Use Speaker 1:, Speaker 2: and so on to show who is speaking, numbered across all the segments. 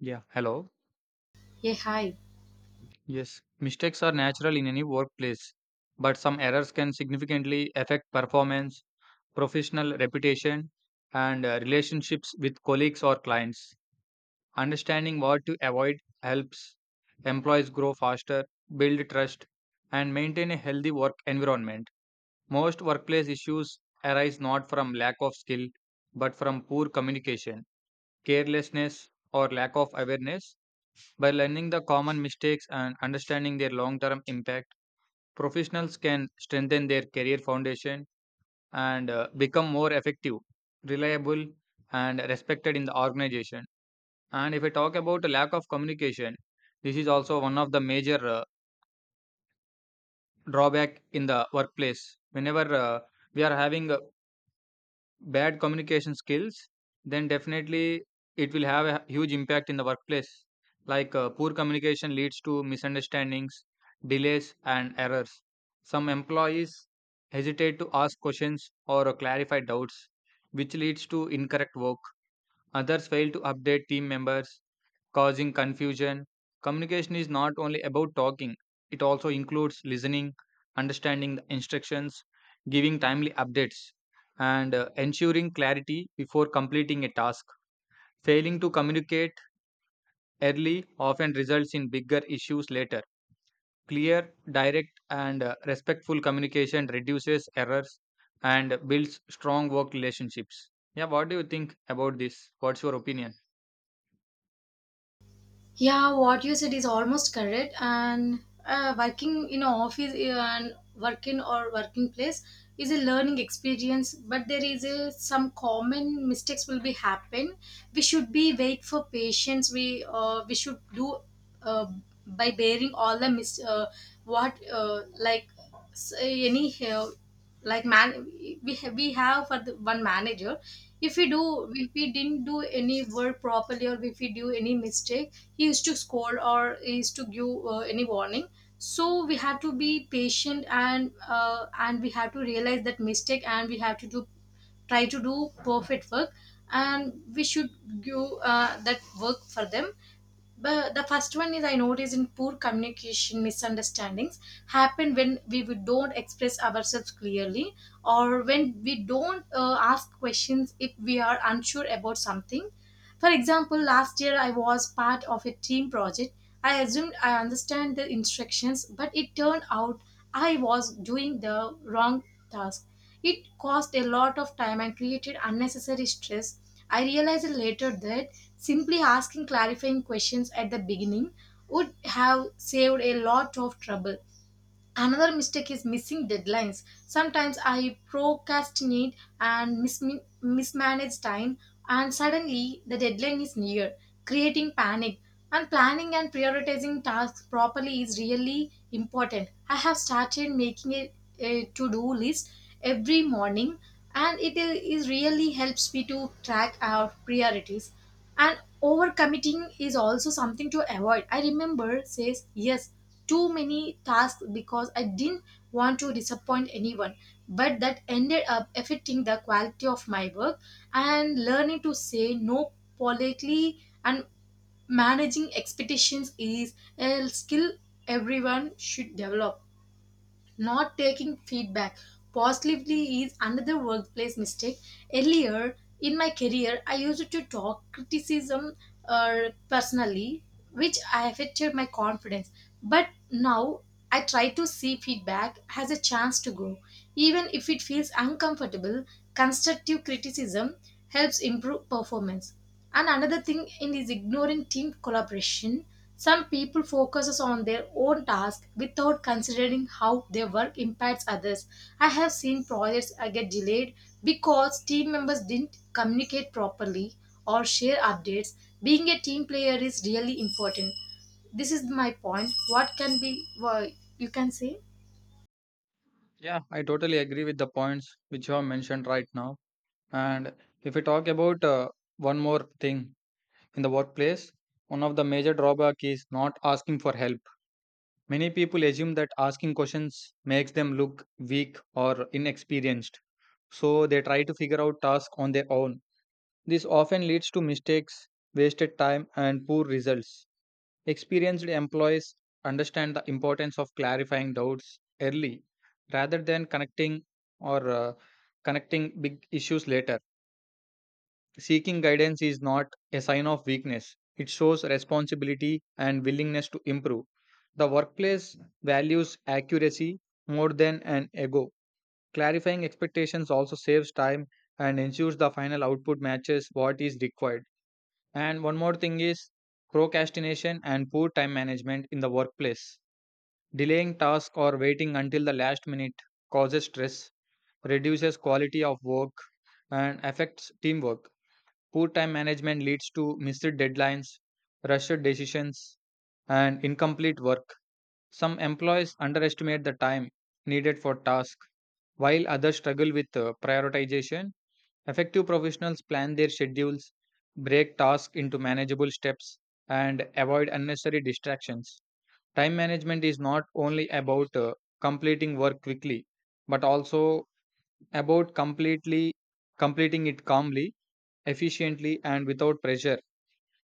Speaker 1: Yeah, hello.
Speaker 2: Yeah, hi.
Speaker 1: Yes, mistakes are natural in any workplace, but some errors can significantly affect performance, professional reputation, and relationships with colleagues or clients. Understanding what to avoid helps employees grow faster, build trust, and maintain a healthy work environment. Most workplace issues arise not from lack of skill, but from poor communication, carelessness, or lack of awareness. By learning the common mistakes and understanding their long term impact, professionals can strengthen their career foundation and become more effective, reliable, and respected in the organization. And if I talk about the lack of communication, this is also one of the major drawback in the workplace. Whenever we are having bad communication skills, then definitely it will have a huge impact in the workplace. Like poor communication leads to misunderstandings, delays, and errors. Some employees hesitate to ask questions or clarify doubts, which leads to incorrect work. Others fail to update team members, causing confusion. Communication is not only about talking, it also includes listening, understanding the instructions, giving timely updates, and ensuring clarity before completing a task. Failing to communicate early often results in bigger issues later. Clear, direct, and respectful communication reduces errors and builds strong work relationships. Yeah, what do you think about this? What's your opinion?
Speaker 2: Yeah, what you said is almost correct. And working in an office and working or working place is a learning experience, but there is some common mistakes will be happen. We should be wait for patience. We should do uh, by bearing all the what like s any help like man we have for the one manager. If we do, if we didn't do any work properly, or if we do any mistake, he used to scold or he used to give any warning. So we have to be patient, and we have to realize that mistake, and we have to do, try to do perfect work, and we should give that work for them. But the first one is, I noticed in poor communication misunderstandings happen when we would don't express ourselves clearly, or when we don't ask questions if we are unsure about something. For example, last year I was part of a team project. I assumed I understand the instructions, but it turned out I was doing the wrong task. It cost a lot of time and created unnecessary stress. I realized later that simply asking clarifying questions at the beginning would have saved a lot of trouble. Another mistake is missing deadlines. Sometimes I procrastinate and mismanage time, and suddenly the deadline is near, creating panic. And planning and prioritizing tasks properly is really important. I have started making a to do list every morning, and it is really helps me to track our priorities. And overcommitting is also something to avoid. I remember says yes too many tasks because I didn't want to disappoint anyone, but that ended up affecting the quality of my work. And learning to say no politely and managing expectations is a skill everyone should develop. Not taking feedback positively is another workplace mistake. Earlier in my career I used to talk criticism uh, personally, which affected my confidence, but now, I try to see feedback as a chance to grow. Even if it feels uncomfortable, constructive criticism helps improve performance. And another thing in is ignoring team collaboration. Some people focus on their own task without considering how their work impacts others. I have seen projects get delayed because team members didn't communicate properly or share updates. Being a team player is really important. This is my point. What can be, well, you can say.
Speaker 1: Yeah, I totally agree with the points which you have mentioned right now. And if we talk about one more thing in the workplace, one of the major drawback is not asking for help. Many people assume that asking questions makes them look weak or inexperienced, so they try to figure out tasks on their own. This often leads to mistakes, wasted time, and poor results. Experienced employees understand the importance of clarifying doubts early rather than connecting or connecting big issues later. Seeking guidance is not a sign of weakness, it shows responsibility and willingness to improve. The workplace values accuracy more than an ego. Clarifying expectations also saves time and ensures the final output matches what is required. And one more thing is procrastination and poor time management in the workplace. Delaying tasks or waiting until the last minute causes stress, reduces quality of work, and affects teamwork. Poor time management leads to missed deadlines, rushed decisions, and incomplete work. Some employees underestimate the time needed for tasks, while others struggle with prioritization. Effective professionals plan their schedules, break tasks into manageable steps, and avoid unnecessary distractions. Time management is not only about completing work quickly, but also about completely completing it calmly, efficiently, and without pressure.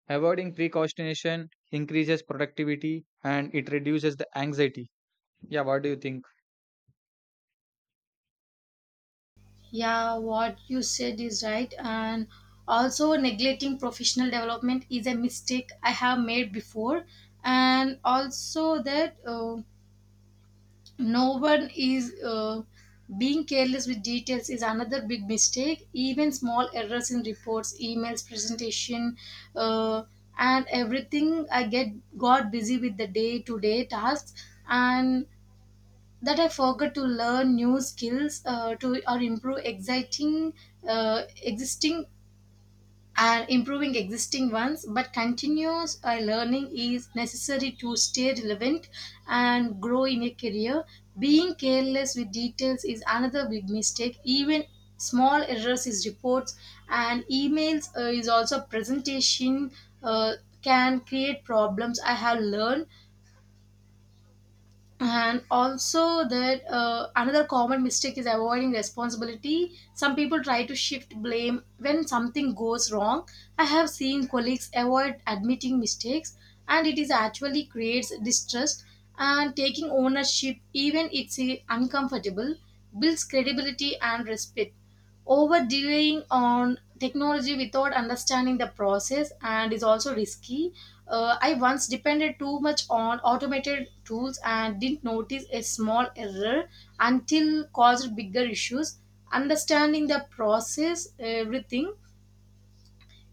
Speaker 1: Avoiding procrastination increases productivity and it reduces the anxiety. Yeah, what do you think?
Speaker 2: Yeah, what you said is right. And also, neglecting professional development is a mistake I have made before. And also, that no one is, uh, being careless with details is another big mistake. Even small errors in reports, emails, presentation, uh, and everything. I get got busy with the day to day tasks. And that I forgot to learn new skills to or improve exciting existing and improving existing ones. But continuous learning is necessary to stay relevant and grow in a career. Being careless with details is another big mistake. Even small errors is reports and emails is also presentation uh, can create problems, I have learned. And also that, another common mistake is avoiding responsibility. Some people try to shift blame when something goes wrong. I have seen colleagues avoid admitting mistakes, and it is actually creates distrust. And taking ownership, even it's uncomfortable, builds credibility and respect. Over delaying on technology without understanding the process and is also risky. I once depended too much on automated tools and didn't notice a small error until caused bigger issues. Understanding the process, everything.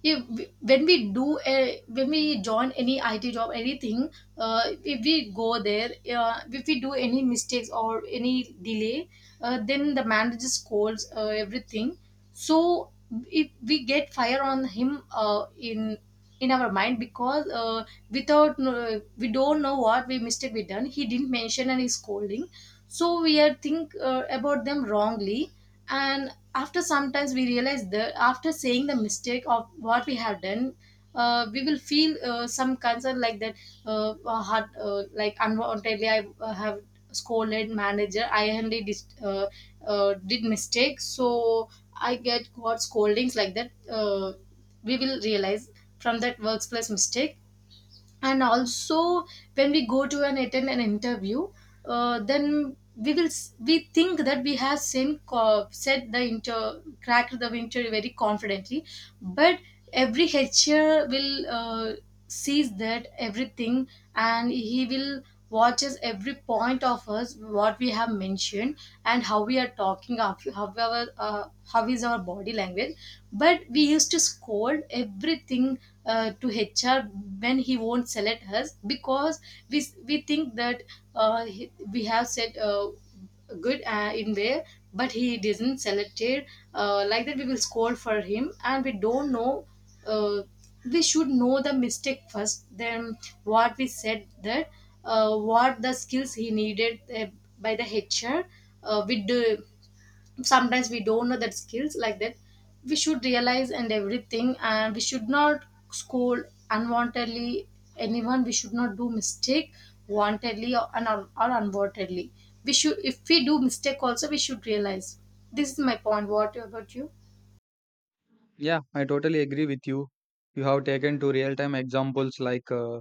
Speaker 2: Yeah, when we do when we join any IT job anything, if we go there, if we do any mistakes or any delay, then the manager scolds everything. So if we get fire on him, in our mind because, without we don't know what we mistake we done, he didn't mention and he's scolding, so we are think about them wrongly. And after sometimes we realize that after saying the mistake of what we have done, we will feel some concern like that, hurt, like unwantedly I have scolded manager. I only dis did mistakes so I get got scoldings like that. uh, we will realize from that workplace mistake. And also when we go to and attend an interview, then we will we think that we have said the inter cracked the winter very confidently, but every HR will sees that everything, and he will watches every point of us what we have mentioned, and how we are talking of how our how is our body language. But we used to scold everything to HR when he won't select us because we think that, we have said good in where, but he doesn't select it. Like that we will scold for him and we don't know. uh, we should know the mistake first. Then what we said that, what the skills he needed by the HR, we do. Sometimes we don't know that skills like that. We should realize and everything, and we should not scold unwantedly anyone. We should not do mistake wantedly or unwantedly. We should, if we do mistake also, we should realize. This is my point. What about you?
Speaker 1: Yeah, I totally agree with you. You have taken 2 real time examples like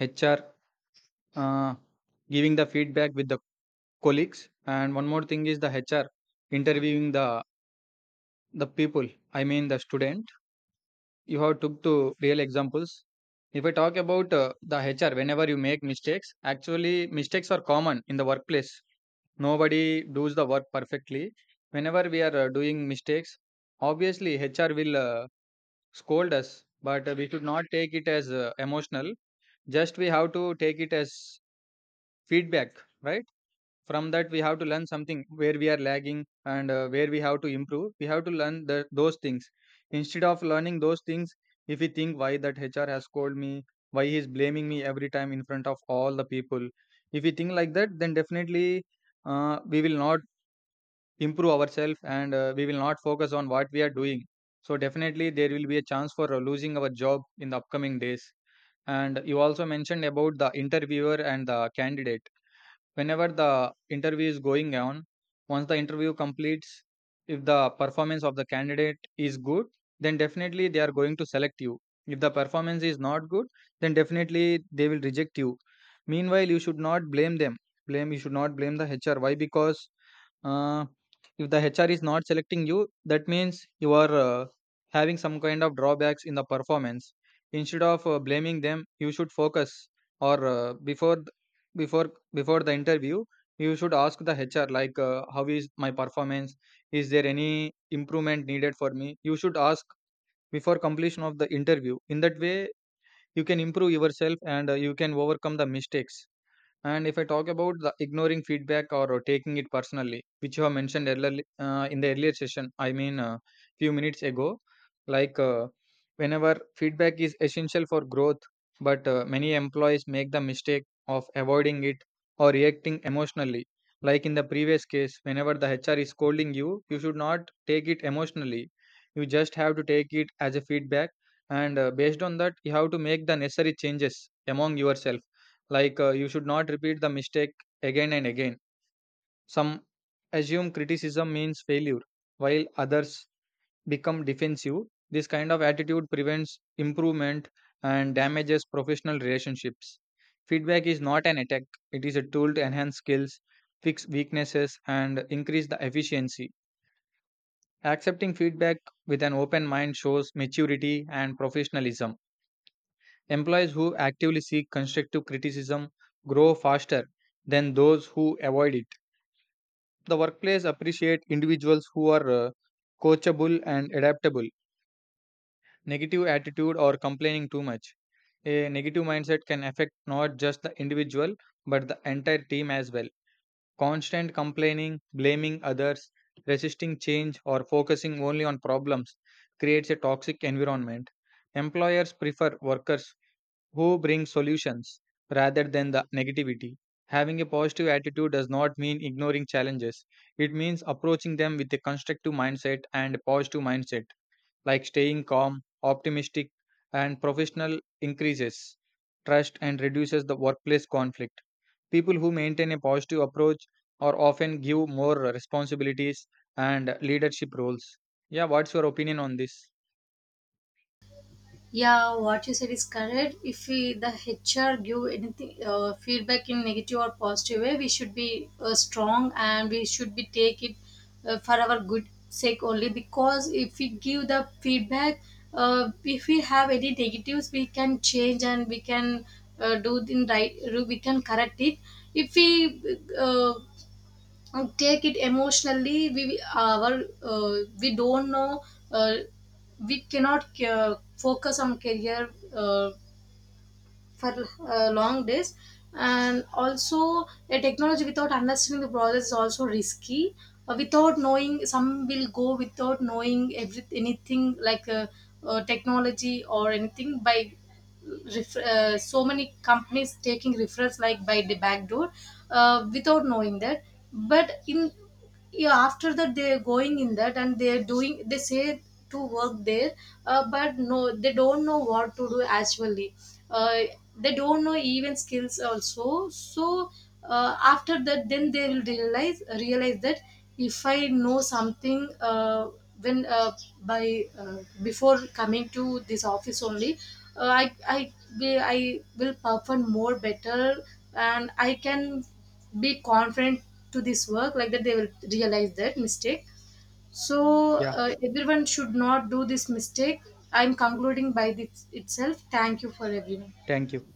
Speaker 1: HR uh, giving the feedback with the colleagues, and one more thing is the HR interviewing the people. I mean the student. You have took two real examples. If I talk about the HR, whenever you make mistakes, actually mistakes are common in the workplace. Nobody does the work perfectly. Whenever we are doing mistakes, obviously HR will scold us, but we should not take it as emotional. Just we have to take it as feedback, right? From that, we have to learn something where we are lagging and where we have to improve. We have to learn the, those things. Instead of learning those things, if we think why that HR has scolded me, why he is blaming me every time in front of all the people, if we think like that, then definitely we will not improve ourselves and we will not focus on what we are doing. So definitely there will be a chance for losing our job in the upcoming days. And you also mentioned about the interviewer and the candidate. Whenever the interview is going on, once the interview completes, if the performance of the candidate is good, then definitely they are going to select you. If the performance is not good, then definitely they will reject you. Meanwhile you should not blame them. Blame, you should not blame the hr. Why? Because uh, if the hr is not selecting you, that means you are having some kind of drawbacks in the performance. Instead of blaming them, you should focus or before before before the interview, you should ask the hr like how is my performance, is there any improvement needed for me, you should ask before completion of the interview. In that way, you can improve yourself and you can overcome the mistakes. And if I talk about the ignoring feedback or taking it personally, which you have mentioned earlier in the earlier session, I mean, few minutes ago, like whenever feedback is essential for growth, but many employees make the mistake of avoiding it or reacting emotionally. Like in the previous case, whenever the HR is scolding you, you should not take it emotionally. You just have to take it as a feedback, and based on that, you have to make the necessary changes among yourself, like you should not repeat the mistake again and again. Some assume criticism means failure, while others become defensive. This kind of attitude prevents improvement and damages professional relationships. Feedback is not an attack, it is a tool to enhance skills, fix weaknesses, and increase the efficiency. Accepting feedback with an open mind shows maturity and professionalism. Employees who actively seek constructive criticism grow faster than those who avoid it. The workplace appreciates individuals who are coachable and adaptable. Negative attitude or complaining too much. A negative mindset can affect not just the individual but the entire team as well. Constant complaining, blaming others, resisting change, or focusing only on problems creates a toxic environment. Employers prefer workers who bring solutions rather than the negativity. Having a positive attitude does not mean ignoring challenges. It means approaching them with a constructive mindset and a positive mindset, like staying calm, optimistic, and professional increases trust and reduces the workplace conflict. People who maintain a positive approach are often give more responsibilities and leadership roles. Yeah, what's your opinion on this?
Speaker 2: Yeah, what you said is correct. If we, the HR give anything feedback in negative or positive way, we should be strong and we should be take it for our good sake only. Because if we give the feedback, if we have any negatives, we can change and we can do in right. We can correct it. If we uh, take it emotionally, our, uh, we don't know, uh, we cannot focus on career for long days. And also a technology without understanding the process is also risky. Without knowing some will go without knowing every anything like, technology or anything by so many companies taking referrals like by the back door, without knowing that, but in, yeah, after that they're going in that and they're doing they say to work there. But no, they don't know what to do actually. uh, they don't know even skills also. So after that then they will realize that if I know something, when by before coming to this office only, uh, i i I will perform more better, and I can be confident to this work. Like that they will realize that mistake. So
Speaker 1: Yeah,
Speaker 2: everyone should not do this mistake. I'm concluding by this itself. Thank you for everyone.
Speaker 1: thank you.